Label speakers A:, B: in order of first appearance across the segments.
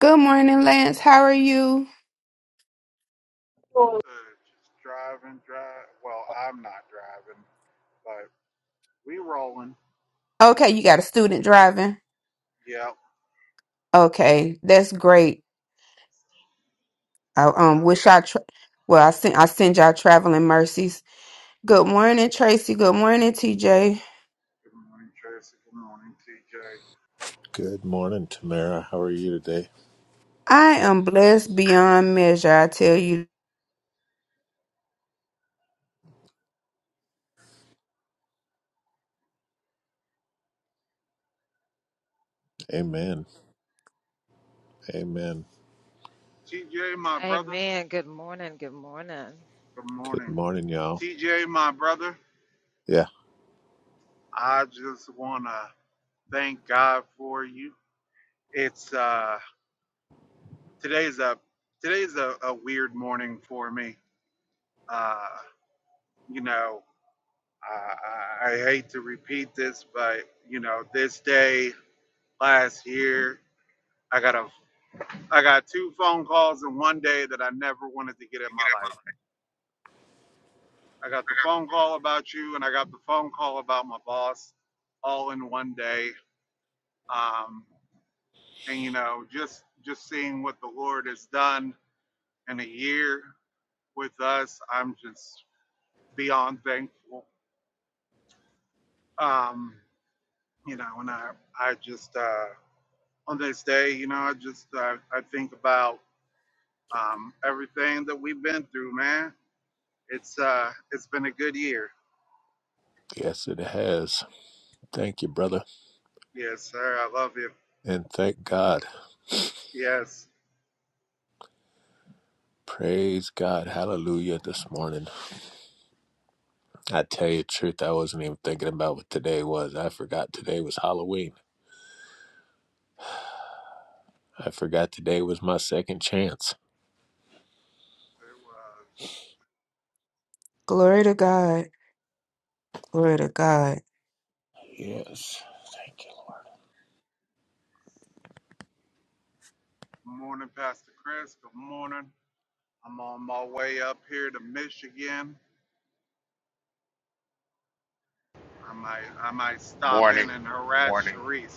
A: Good morning, Lance. How are you?
B: people are just driving, drive. Well, I'm not driving, but we rolling.
A: Okay, you got a student driving.
B: Yep,
A: Okay, that's great. I um
B: yep.
A: wish I tra- well, I send I send y'all traveling mercies. Good morning, Tracy. Good morning, TJ.
B: Good morning, Tracy. Good morning, TJ.
C: Good morning, Tamara. How are you today?
A: I am blessed beyond measure. I tell you,
C: Amen. Amen.
B: TJ, my brother. Good
C: Good
B: morning,
C: morning, y'all.
B: TJ, my brother.
C: Yeah,
B: I just wanna thank God for you. It's uh today's a today's a, a weird morning for me. Uh, you know, I, I I hate to repeat this, but you know, this day last year I got a I got two phone calls in one day that I never wanted to get in my life. I got the phone call about you, and I got the phone call about my boss, all in one day. Um, and you know, just just seeing what the Lord has done in a year with us, I'm just beyond thankful. Um, you know, and I I just uh, on this day, you know, I just uh, I think about um, everything that we've been through, man. It's uh, it's been a good year
C: yes, it has. Thank you, brother.
B: Yes, sir. I love you.
C: And thank God.
B: Yes,
C: Praise God. Hallelujah this morning. I tell you the truth, I wasn't even thinking about what today was. I forgot today was Halloween. I forgot today was my second chance.
B: it was.
A: glory to God. Glory to God.
C: Yes. Thank you. Lord.
B: Good morning, Pastor Chris. Good morning. I'm on my way up here to Michigan. I might, I might stop
D: Morning,
B: in and harass
D: morning.
B: Sharice.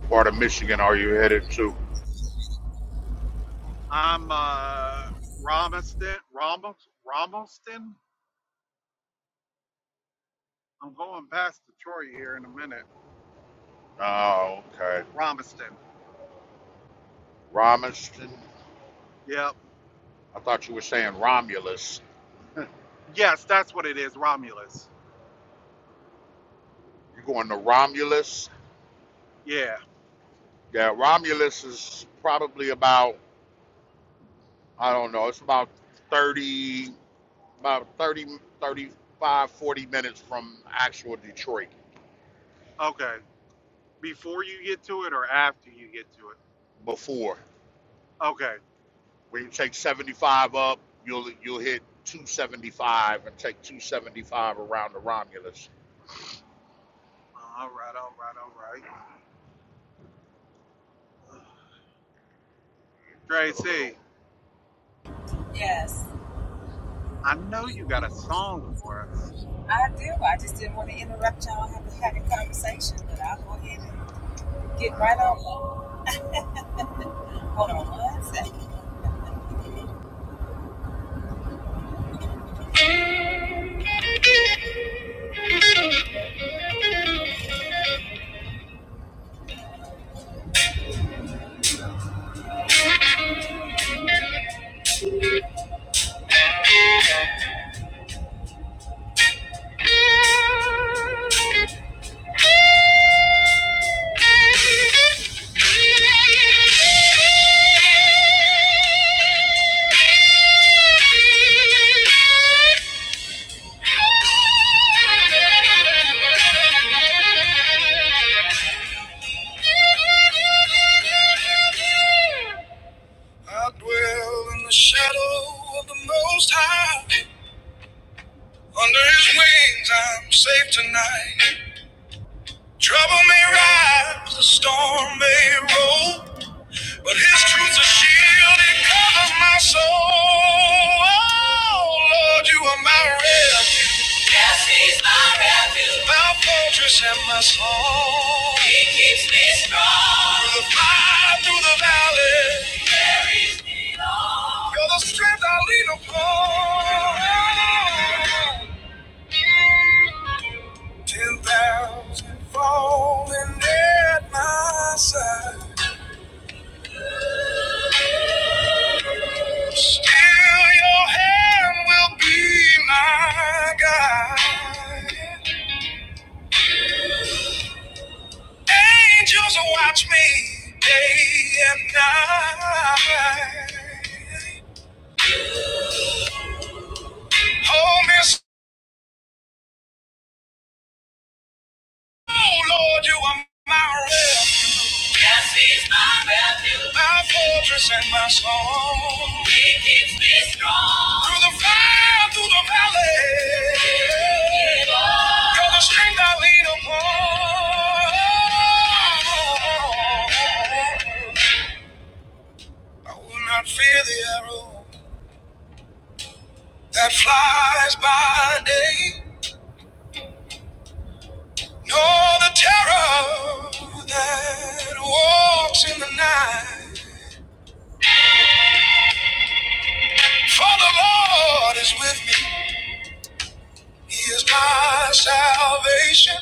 D: What Part of Michigan are you headed to?
B: I'm uh, Romiston, Ramos, Ramoston. I'm going past Detroit here in a minute.
D: Oh, okay.
B: Romiston.
D: Romiston?
B: Yep.
D: I thought you were saying Romulus.
B: Yes, that's what it is. Romulus.
D: You going to Romulus?
B: Yeah.
D: Yeah, Romulus is probably about, I don't know, it's about 30, about 30, 35, 40 minutes from actual Detroit
B: Okay. Before you get to it or after you get to
D: before.
B: it? Okay.
D: When you take 75 up, you'll you'll hit 275 and take 275 around the Romulus.
B: All right. All right. All right.
D: It's still a
B: Tracy.
D: little
B: I know you got a song for us. Uh, you-
E: Thank you. I dwell in the shadow of the Most High. Under His wings, I'm safe tonight. Trouble may rise, the storm may roll. But his truth's a shield, it covers my soul. Oh, Lord, you are my refuge. Yes, he's my refuge. My fortress and my song. He keeps me strong. Through the fire, through the valley. He carries me on. You're the strength I lean upon. Ten thousand falling at my side. Still, your hand will be my guide. Angels watch me day and night. Hold me so, Lord, you are my refuge. Yes, he's my refuge. My fortress and my song. He keeps me strong. Through the fire, through the valley. You're the strength I lean upon. I will not fear the arrow that flies by day, nor the terror that walks in the night. For the Lord is with me. He is my salvation,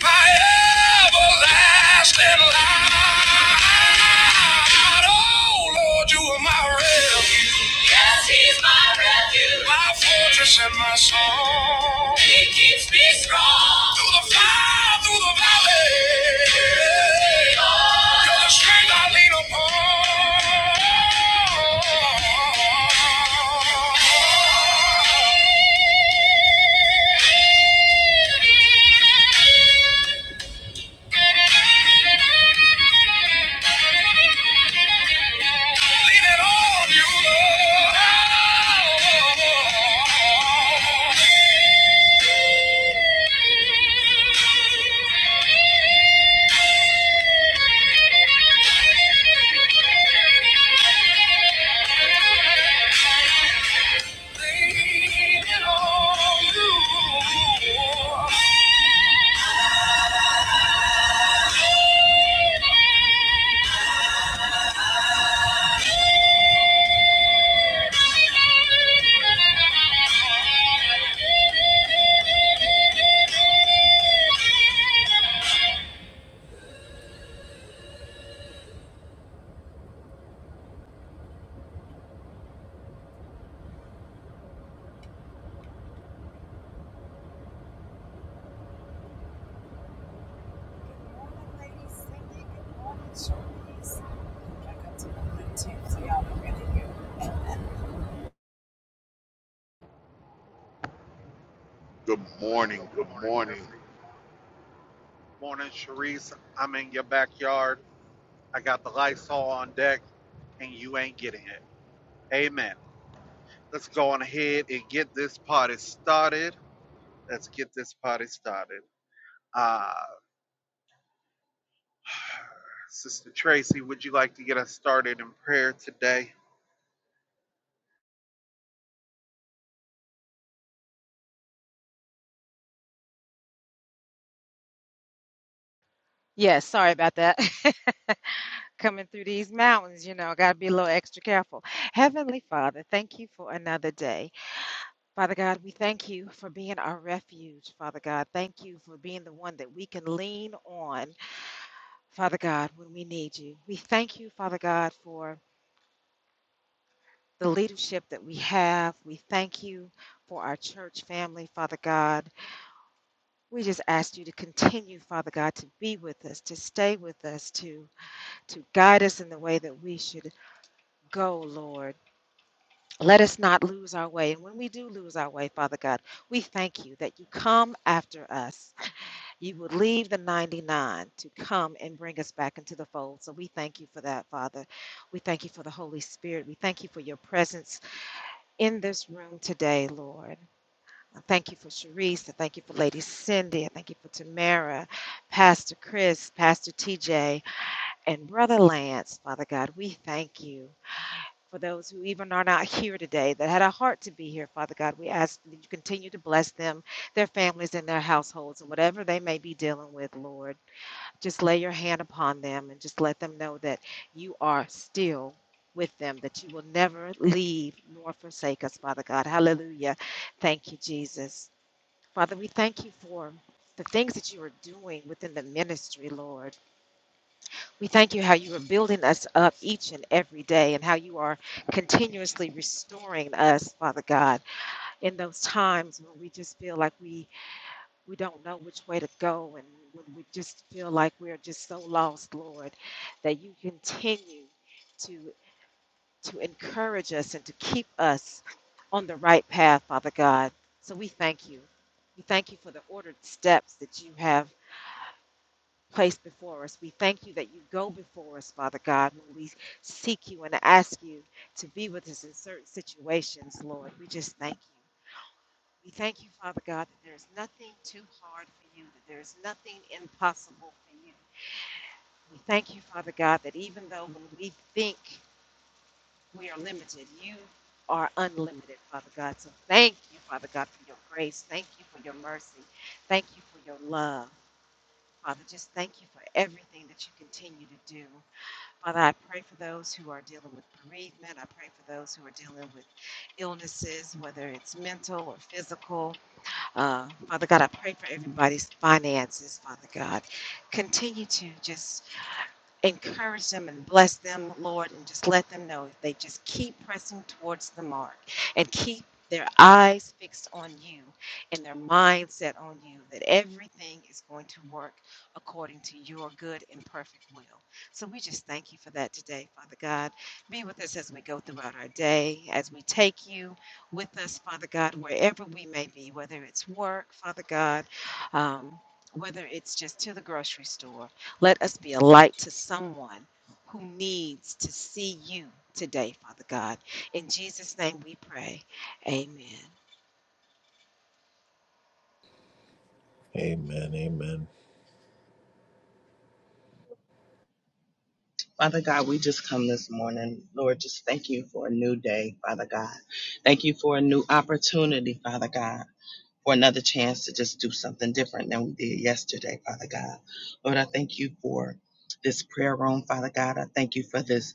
E: my everlasting light. Oh Lord, you are my refuge. Yes, He's my refuge, my fortress and my song. He keeps me strong through the fire, through the valley. You're the strength I lean upon. Lean it on you, Lord. Lean it on you. Thank you.
D: Good morning.
B: good
D: Good
B: morning,
D: morning.
B: everyone. Morning, Sharice. I'm in your backyard. I got the lights all on deck, and you ain't getting it. Amen. Let's go on ahead and get this party started. Let's get this party started. Uh, Sister Tracy, would you like to get us started in prayer today?
C: Amen. Amen.
F: Father God, we just come this morning. Lord, just thank you for a new day, Father God. Thank you for a new opportunity, Father God, for another chance to just do something different than we did yesterday, Father God. Lord, I thank you for this prayer room, Father God. I thank you for this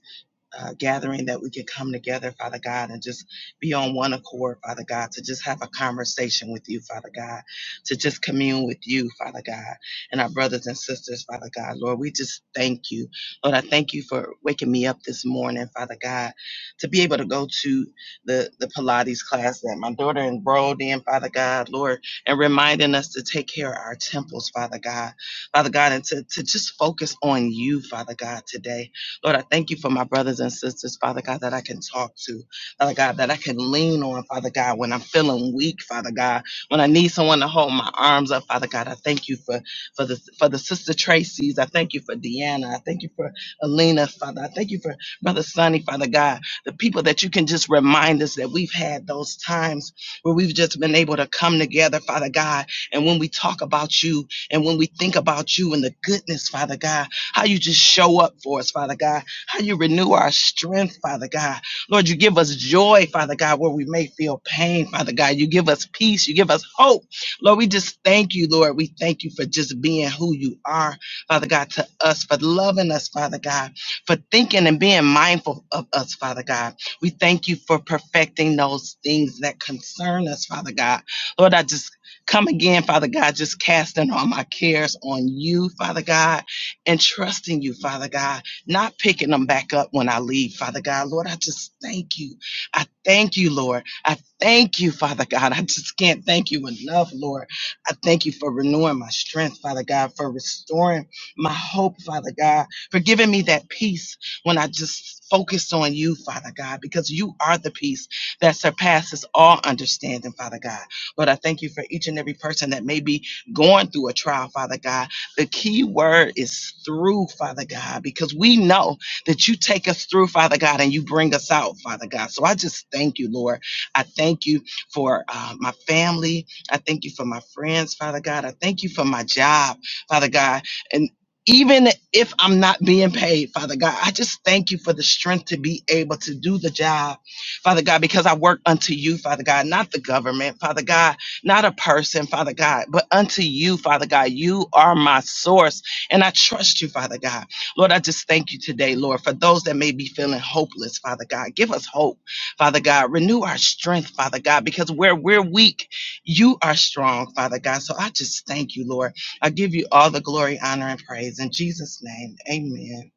F: uh, gathering that we can come together, Father God, and just be on one accord, Father God, to just have a conversation with you, Father God, to just commune with you, Father God, and our brothers and sisters, Father God. Lord, we just thank you. Lord, I thank you for waking me up this morning, Father God, to be able to go to the, the Pilates class that my daughter enrolled in, Father God, Lord, and reminding us to take care of our temples, Father God, Father God, and to, to just focus on you, Father God, today. Lord, I thank you for my brothers and sisters, Father God, that I can talk to, Father God, that I can lean on, Father God, when I'm feeling weak, Father God, when I need someone to hold my arms up, Father God. I thank you for for the for the sister Tracy's. I thank you for Deanna. I thank you for Alina, Father. I thank you for Brother Sonny, Father God. The people that you can just remind us that we've had those times where we've just been able to come together, Father God. And when we talk about you and when we think about you and the goodness, Father God how you just show up for us, Father God, how you renew our strength, Father God. Lord, you give us joy, Father God, where we may feel pain, Father God. You give us peace, you give us hope. Lord, we just thank you, Lord. We thank you for just being who you are, Father God, to us, for loving us, Father God, for thinking and being mindful of us, Father God. We thank you for perfecting those things that concern us, Father God. Lord, I just come again, Father God, just casting all my cares on you, Father God and trusting you, Father God, not picking them back up when I leave, Father God. Lord, I just thank you. I thank you, Lord. I thank you, Father God. I just can't thank you enough, Lord. I thank you for renewing my strength, Father God, for restoring my hope, Father God, for giving me that peace when I just focus on you, Father God, because you are the peace that surpasses all understanding, Father God. Lord, I thank you for each and every person that may be going through a trial, Father God. The key word is through, Father God, because we know that you take us through, Father God, and you bring us out, Father God. So I just thank you, Lord. I thank you for uh, my family. I thank you for my friends, Father God. I thank you for my job, Father God. And even if I'm not being paid, Father God, I just thank you for the strength to be able to do the job, Father God, because I work unto you, Father God, not the government, Father God not a person, Father God, but unto you, Father God. You are my source, and I trust you, Father God. Lord, I just thank you today, Lord, for those that may be feeling hopeless, Father God. Give us hope, Father God. Renew our strength, Father God, because where we're weak, you are strong, Father God. So I just thank you, Lord. I give you all the glory, honor, and praise. In Jesus' name, amen.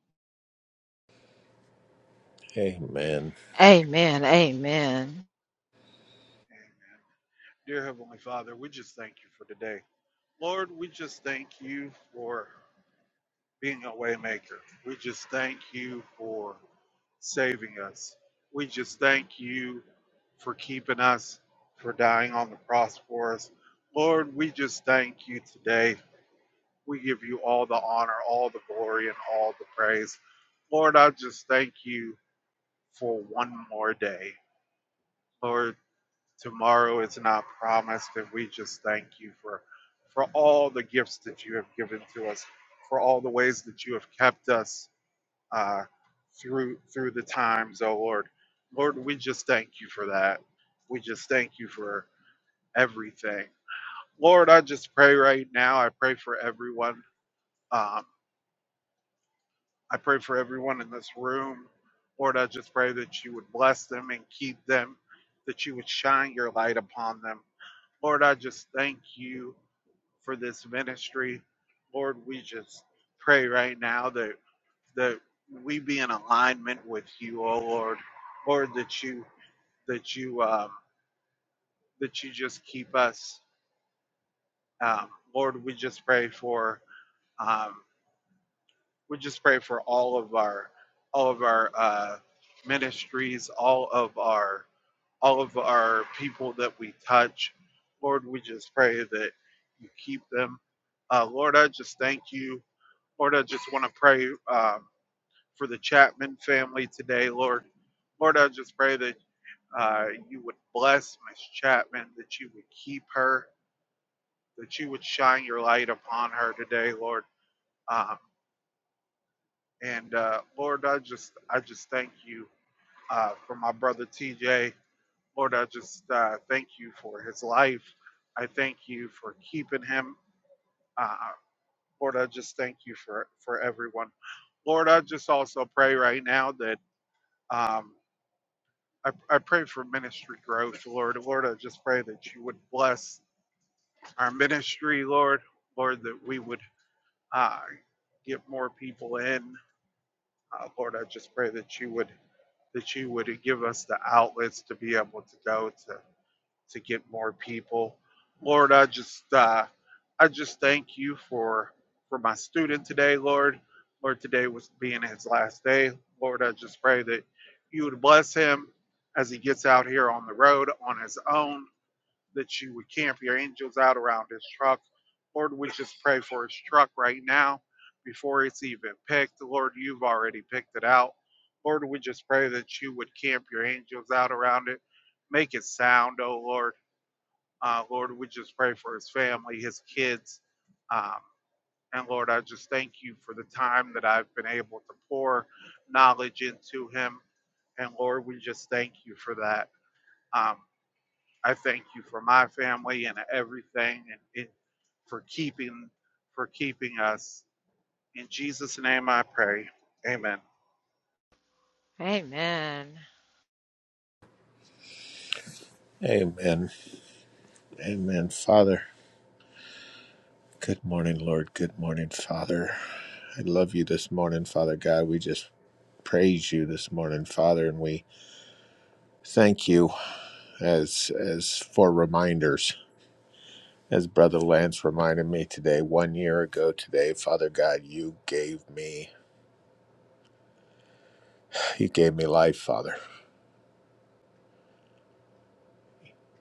B: Amen.
C: Amen.
B: Amen. Dear Heavenly Father, we just thank you for today. Lord, we just thank you for being a waymaker. We just thank you for saving us. We just thank you for keeping us, for dying on the cross for us. Lord, we just thank you today. We give you all the honor, all the glory, and all the praise. Lord, I just thank you for one more day. Lord, tomorrow is not promised, and we just thank you for for all the gifts that you have given to us, for all the ways that you have kept us, uh, through through the times, oh Lord. Lord, we just thank you for that. We just thank you for everything. Lord, I just pray right now. I pray for everyone. Um, I pray for everyone in this room. Lord, I just pray that you would bless them and keep them, that you would shine your light upon them. Lord, I just thank you for this ministry. Lord, we just pray right now that that we be in alignment with you, O Lord, Lord, that you that you um, that you just keep us, um, Lord. We just pray for um, we just pray for all of our all of our uh, ministries, all of our all of our people that we touch, Lord. We just pray that you keep them, uh, Lord. I just thank you, Lord. I just want to pray. Um, for the Chapman family today, Lord. Lord, I just pray that uh, you would bless Miss Chapman, that you would keep her, that you would shine your light upon her today, Lord. Um, and uh, Lord, I just I just thank you uh, for my brother TJ. Lord, I just uh, thank you for his life. I thank you for keeping him. Uh, Lord, I just thank you for for everyone. Lord, I just also pray right now that um, I, I pray for ministry growth, Lord. Lord, I just pray that you would bless our ministry, Lord. Lord, that we would uh, get more people in. Uh, Lord, I just pray that you would that you would give us the outlets to be able to go to to get more people. Lord, I just uh, I just thank you for for my student today, Lord. Lord, today was being his last day. Lord, I just pray that you would bless him as he gets out here on the road on his own, that you would camp your angels out around his truck. Lord, we just pray for his truck right now before it's even picked. Lord, you've already picked it out. Lord, we just pray that you would camp your angels out around it. Make it sound, oh Lord. Uh, Lord, we just pray for his family, his kids. Um, and Lord, I just thank you for the time that I've been able to pour knowledge into him. And Lord, we just thank you for that. Um, I thank you for my family and everything and, and for keeping for keeping us. In Jesus' name I pray. Amen.
C: Amen. Amen. Father. Good morning, Lord. Good morning, Father. I love you this morning, Father God. We just praise you this morning, Father, and we thank you as as for reminders. As Brother Lance reminded me today, one year ago today, Father God, you gave me you gave me life, Father.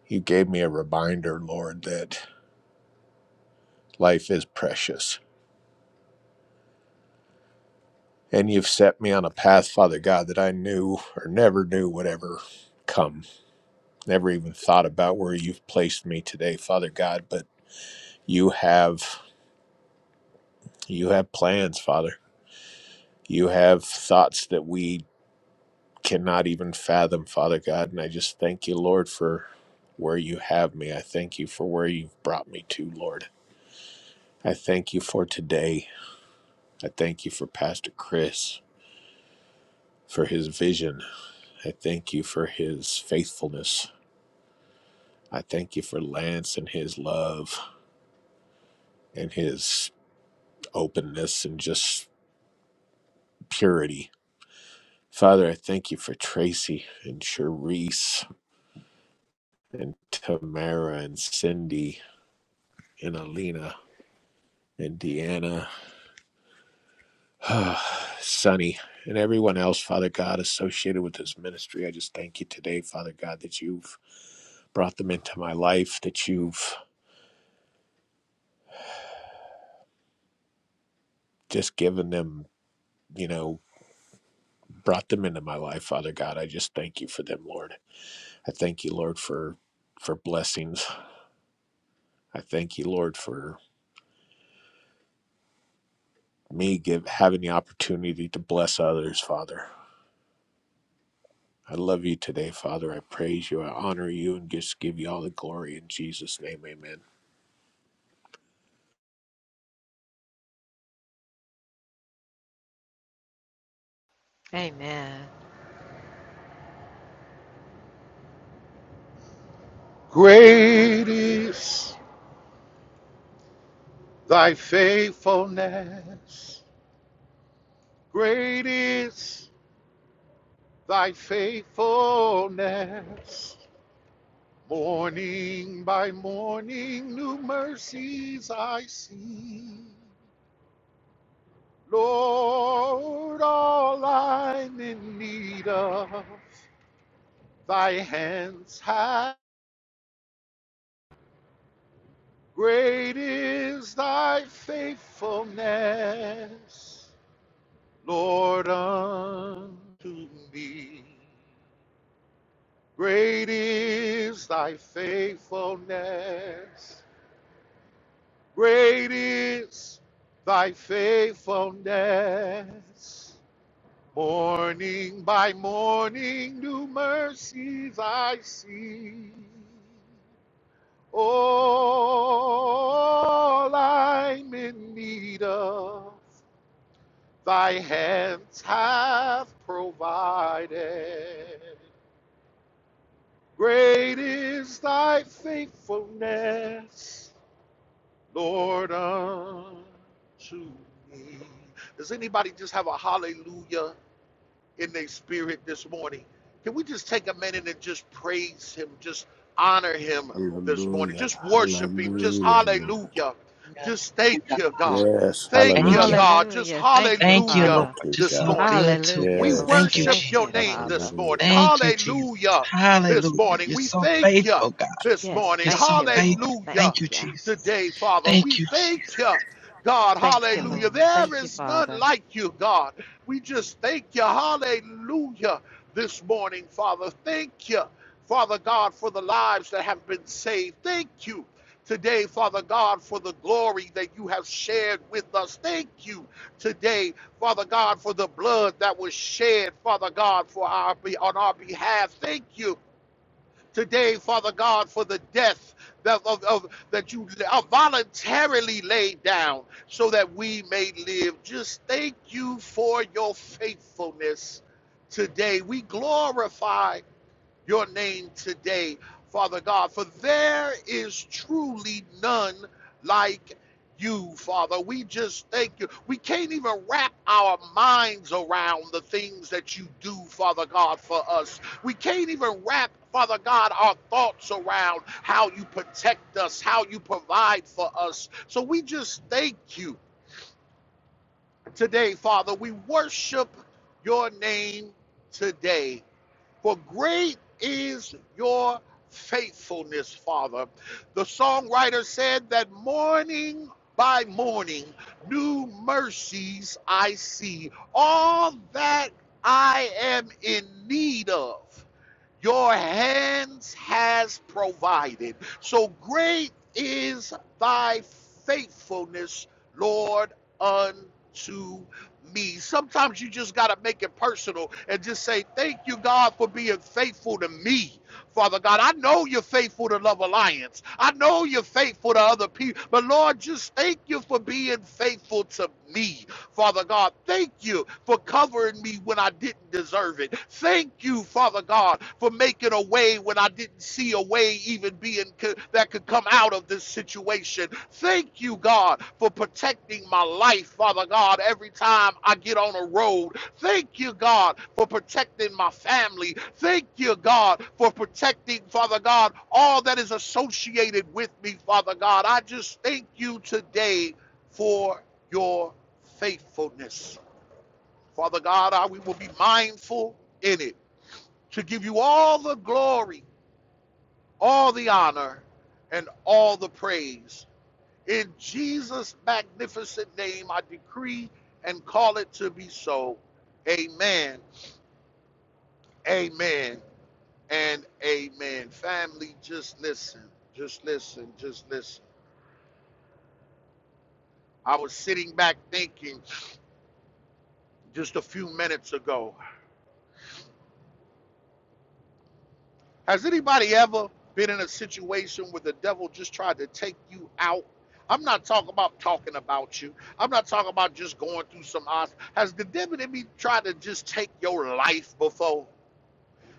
C: You gave me a reminder, Lord, that life is precious. And you've set me on a path, Father God, that I knew or never knew would ever come. Never even thought about where you've placed me today, Father God, but you have. You have plans, Father. You have thoughts that we cannot even fathom, Father God. And I just thank you, Lord, for where you have me. I thank you for where you've brought me to, Lord. I thank you for today. I thank you for Pastor Chris, for his vision. I thank you for his faithfulness. I thank you for Lance and his love and his openness and just purity. Father, I thank you for Tracy and Charisse. and Tamara and Cindy and Alina and Deanna, Sonny, and everyone else, Father God, associated with this ministry. I just thank you today, Father God, that you've brought them into my life, that you've just given them, you know, brought them into my life, Father God. I just thank you for them, Lord. I thank you, Lord, for for blessings. I thank you, Lord, for me give having the opportunity to bless others, Father. I love you today, Father. I praise you. I honor you and just give you all the glory in Jesus' name. Amen.
D: Great is thy faithfulness. Great is thy faithfulness. Morning by morning, new mercies I see. Lord, all I'm in need of, thy hands have. Great is thy faithfulness. Lord, unto me. Great is thy faithfulness. Great is thy faithfulness. Morning by morning, new mercies I see. All I'm in need of, thy hands have provided. Great is thy faithfulness, Lord, unto me. Does anybody just have a hallelujah in their spirit this morning. Can we just take a minute and just praise him, just honor him this morning,
C: Hallelujah.
D: just worship him, just
C: Hallelujah, Lord.
D: hallelujah.
F: Yeah.
D: Just thank you, God.
C: Yes.
D: Thank you,
F: Thank you.
C: Hallelujah.
D: God. Just
F: Thank you,
D: hallelujah
F: Lord.
C: Thank you,
F: You're
D: this
F: so
C: God.
D: morning.
F: good to
D: We
F: us.
C: Yes,
F: Thank you,
D: worship
C: Lord.
F: Jesus.
D: your name this morning.
C: Hallelujah.
F: Thank you, Jesus.
D: Hallelujah this
F: Hallelujah.
D: morning.
F: You're
D: We
F: so
D: thank you
F: faithful, God.
D: this morning.
F: You're so faithful.
D: Hallelujah
F: Thank you, Jesus.
D: today, Father. We
F: Thank you, Jesus.
D: thank you, God.
F: Hallelujah.
D: Hallelujah. There is none like you, God. We just thank you, hallelujah, this morning, Father. Thank you, Father God, for the lives that have been saved. Thank you. Today, Father God, for the glory that you have shared with us. Thank you today, Father God, for the blood that was shed, Father God, for our on our behalf. Thank you today, Father God, for the death that, of, of- that you uh, voluntarily laid down so that we may live. Just thank you for your faithfulness today. We glorify your name today, Father God, for there is truly none like you, Father. We just thank you. We can't even wrap our minds around the things that you do, Father God, for us. We can't even wrap Father God, our thoughts around how you protect us, how you provide for us. So we just thank you today, Father. We worship your name today. For great is your faithfulness, Father. The songwriter said that morning by morning, new mercies I see. All that I am in need of your hands has provided. So great is thy faithfulness, Lord, unto me. Sometimes you just got to make it personal and just say, Thank you, God, for being faithful to me. Father God, I know you're faithful to Love Alliance. I know you're faithful to other people. But Lord, just thank you for being faithful to me. Father God, thank you for covering me when I didn't deserve it. Thank you, Father God, for making a way when I didn't see a way even being co- that could come out of this situation. Thank you, God, for protecting my life, Father God, every time I get on a road. Thank you, God, for protecting my family. Thank you, God, for protecting, Father God, all that is associated with me, Father God. I just thank you today for your faithfulness. Father God, I, we will be mindful in it to give you all the glory, all the honor, and all the praise. In Jesus' magnificent name, I decree and call it to be so. Amen, amen, and amen. Family, just listen, just listen, just listen. I was sitting back thinking just a few minutes ago Has anybody ever been in a situation where the devil just tried to take you out? I'm not talking about talking about you. I'm not talking about just going through some odds. Has the devil enemy tried to just take your life before?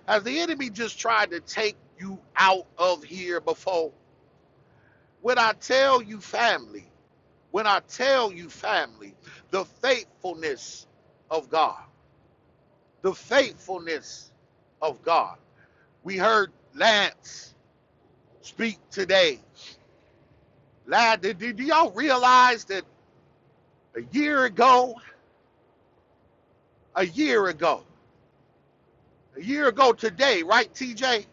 D: Has the enemy just tried to take you out of here before? When I tell you, family, when I tell you, family, the faithfulness of God, the faithfulness of God. We heard Lance speak today Lad, do, do y'all realize that a year ago, a year ago, a year ago today, right, TJ?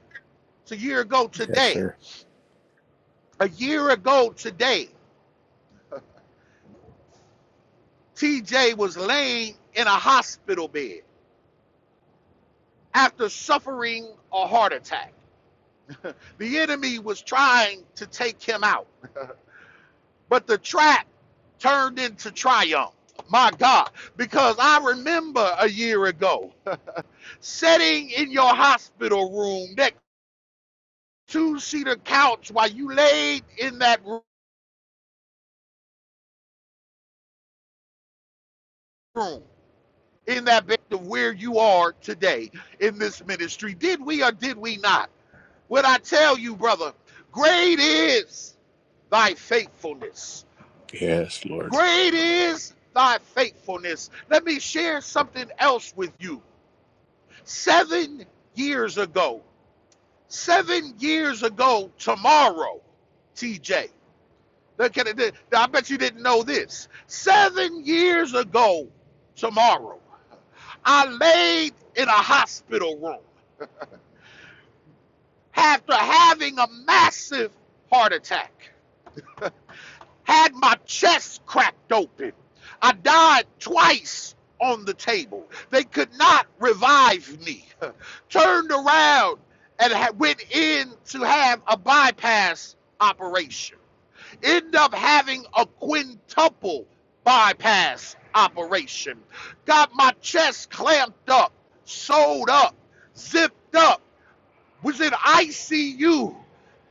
D: It's a year ago
C: Yes,
D: today.
C: sir.
D: A year ago today, TJ was laying in a hospital bed after suffering a heart attack. The enemy was trying to take him out, but the trap turned into triumph. My God, because I remember a year ago sitting in your hospital room next two-seater couch while you laid in that room, in that bed of where you are today in this ministry. Did we or did we not? What I tell you, brother, great is thy faithfulness.
C: Yes, Lord.
D: Great is thy faithfulness. Let me share something else with you. Seven years ago, seven years ago tomorrow, TJ. I bet you didn't know this. Seven years ago, tomorrow, I laid in a hospital room after having a massive heart attack, had my chest cracked open. I died twice on the table. They could not revive me. Turned around and went in to have a bypass operation. end up having a quintuple bypass operation. Got my chest clamped up, sewed up, zipped up was in ICU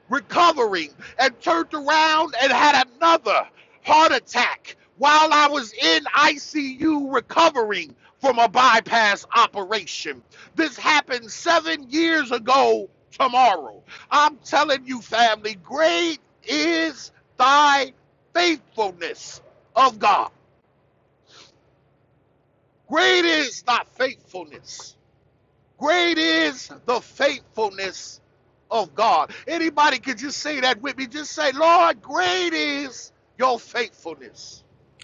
D: recovering and turned around and had another heart attack while I was in ICU recovering from a bypass operation. This happened seven years ago tomorrow. I'm telling you, family, great is thy faithfulness of God. Great is thy faithfulness. Great is the faithfulness of God. Anybody could just say that with me. Just say, Lord, great is your faithfulness.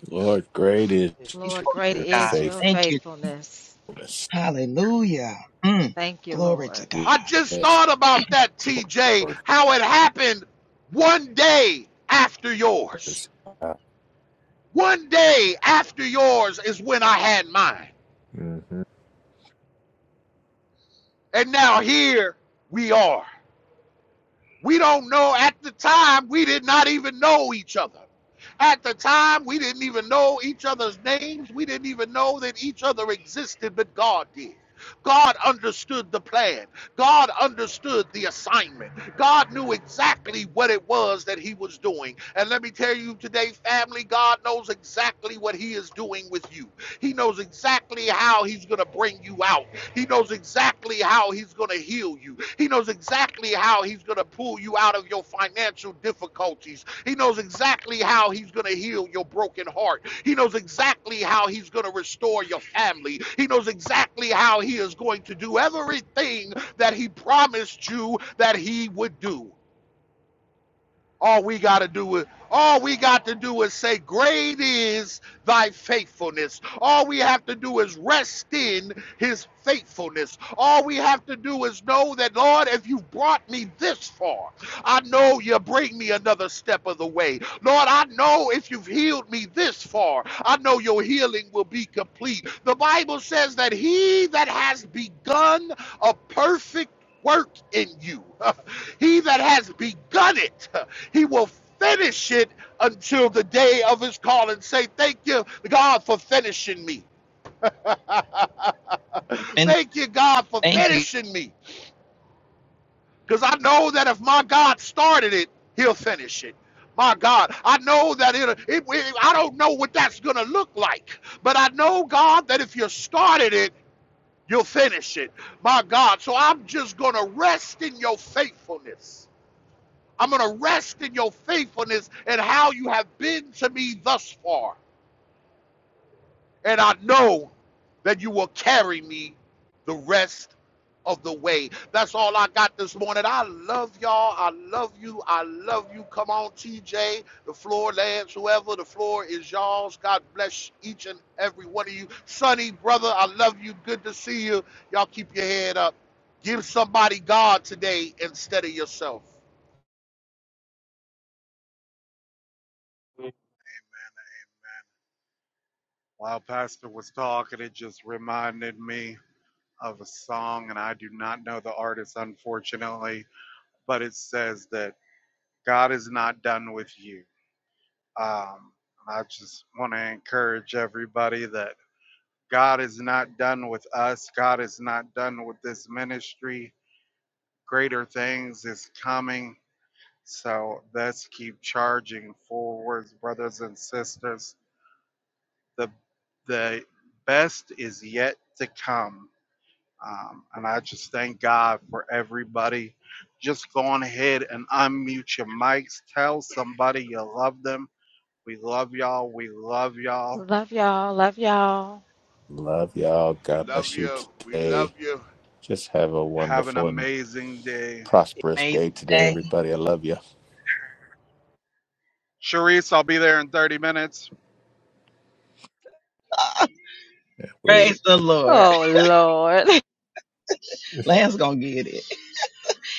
C: Lord, great is
F: Faithful
C: your
F: God.
C: faithfulness.
F: Thank you. Hallelujah. Mm. Glory to God.
D: I just
C: Yes,
D: thought about
F: Jesus.
D: that,
C: Lord.
D: TJ, how it happened one day after yours.
C: Praise God.
D: One day after yours is when I had mine.
C: Mhm.
D: And now here we are. We don't know at the time, we did not even know each other. At the time, we didn't even know each other's names. We didn't even know that each other existed, but God did. God understood the plan. God understood the assignment. God knew exactly what it was that He was doing. And let me tell you today, family, God knows exactly what He is doing with you. He knows exactly how He's going to bring you out. He knows exactly how he's going to heal you. He knows exactly how he's going to pull you out of your financial difficulties. He knows exactly how he's going to heal your broken heart. He knows exactly how he's going to restore your family. He knows exactly how he is going to do everything that he promised you that he would do. All we got to do is all we got to do is say, "Great is thy faithfulness." All we have to do is rest in his faithfulness. All we have to do is know that, Lord, if you brought me this far, I know you bring me another step of the way. Lord, I know if you've healed me this far, I know your healing will be complete. The Bible says that he that has begun a perfect work in you, he that has begun it He will finish it until the day of his call and say, Thank you, God, for finishing me.
F: Finish.
D: Thank you, God, for
F: Thank you.
D: finishing me. Because I know that if my God started it, he'll finish it. My God, I know that it it, it- I don't know what that's going to look like, but I know, God, that if you started it, you'll finish it. My God, so I'm just going to rest in your faithfulness. I'm going to rest in your faithfulness and how you have been to me thus far. And I know that you will carry me the rest of the way. That's all I got this morning. I love y'all. I love you. I love you. Come on, TJ, the floor, Lance, whoever. The floor is y'all's. God bless each and every one of you. Sonny, brother, I love you. Good to see you. Y'all keep your head up. Give somebody God today instead of yourself.
B: While Pastor was talking, it just reminded me of a song, and I do not know the artist, unfortunately, but it says that God is not done with you. Um, I just want to encourage everybody that God is not done with us. God is not done with this ministry. Greater things is coming. So let's keep charging forward, brothers and sisters. The the best is yet to come. Um, and I just thank God for everybody. Just go on ahead and unmute your mics. Tell somebody you love them We love y'all. We love y'all.
C: Love y'all.
D: We
C: God
D: love
C: bless you
D: you. We love
C: today.
D: you.
C: Just have a
B: Have an
C: wonderful and
B: amazing day.
C: prosperous day
F: Amazing
C: today,
F: day.
C: everybody. I love you.
B: Sharice, I'll be there in 30 minutes.
C: We,
F: Praise the Lord. Lance gonna get it.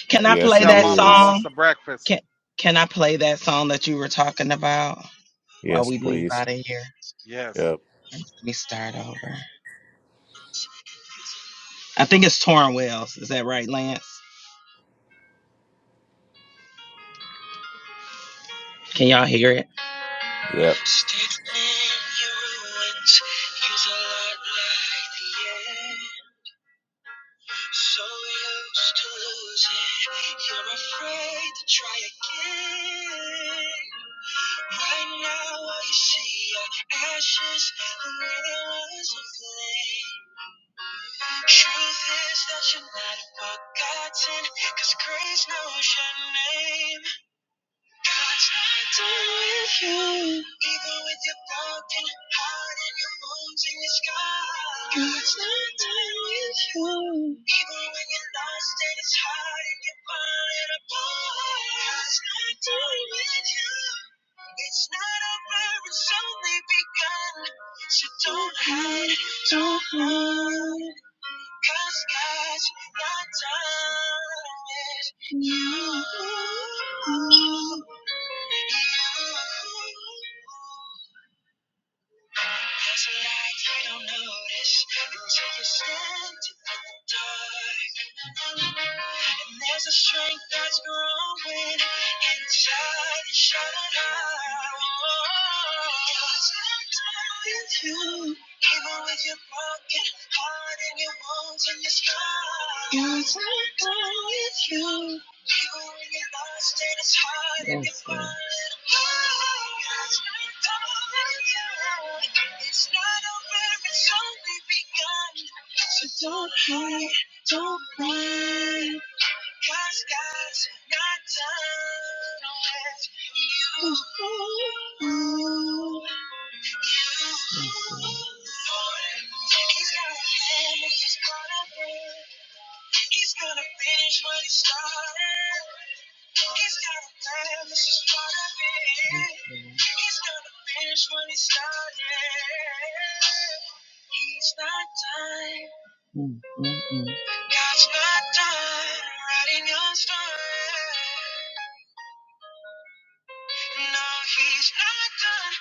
F: Can I
C: yes,
F: play
C: he
B: Tell
F: that
B: mama I
C: is.
B: want
F: song?
B: some breakfast.
F: Can Can I play that song that you were talking about while
C: Yes,
F: we leave
C: please.
F: out of here?
B: Yes.
C: Yep.
F: Let me start over. I think it's Torn Wells. Is that right, Lance? Can y'all hear it?
C: Yep.
F: States in your ruins is a lot like the end. So used to losing, you're afraid to try again. Right now, all you see are ashes, and there was a flame. Truth is that you're not forgotten, cause grace knows your name. God's not done with you. Even with your broken heart and your wounds and your scars. God's not done with you. Even when you're lost and it's hard and you're falling apart. God's not done with you. It's not over, it's only begun. So don't hide, don't run. Cause God's not done with you. You. There's a light you don't notice until you are standing in the dark. And there's a strength that's growing inside your shattered heart. God's with you, even with your broken heart and your wounds and your scars. God's with you. Yes, Lord. Don't cry, don't cry. Cause God's not done with you. You. Yes, Lord. He's got a plan, he's gonna bring. He's gonna finish what he started. He's got a plan, this is part of it. He's gonna finish what he started. He's not done. Mm, mm, mm. God's not done writing your story. No, he's not done.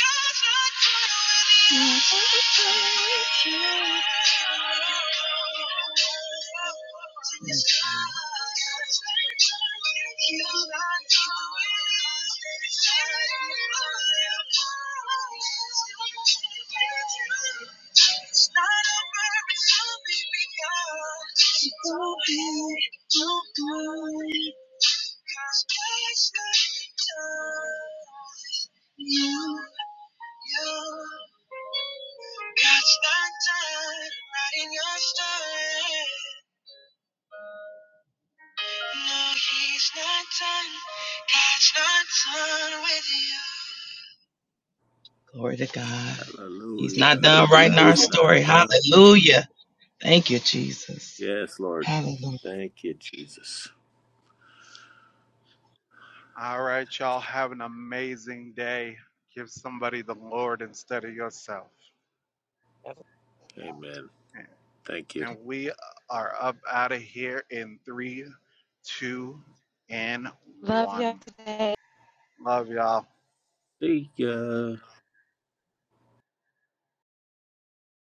F: God's not done with you. It's not over, it's only begun. So don't be, don't worry. No, Glory to God. He's not
C: Hallelujah.
F: done writing our
C: God's
B: And
C: not
F: story.
C: done.
F: Hallelujah. Thank you, Jesus.
C: Yes, Lord.
F: Hallelujah.
C: Thank you, Jesus.
B: all right, y'all. Have an amazing day. Give somebody the Lord instead of yourself.
C: Amen. Thank you.
B: And we are up out of here in three, two, and one. Love y'all.
C: See ya.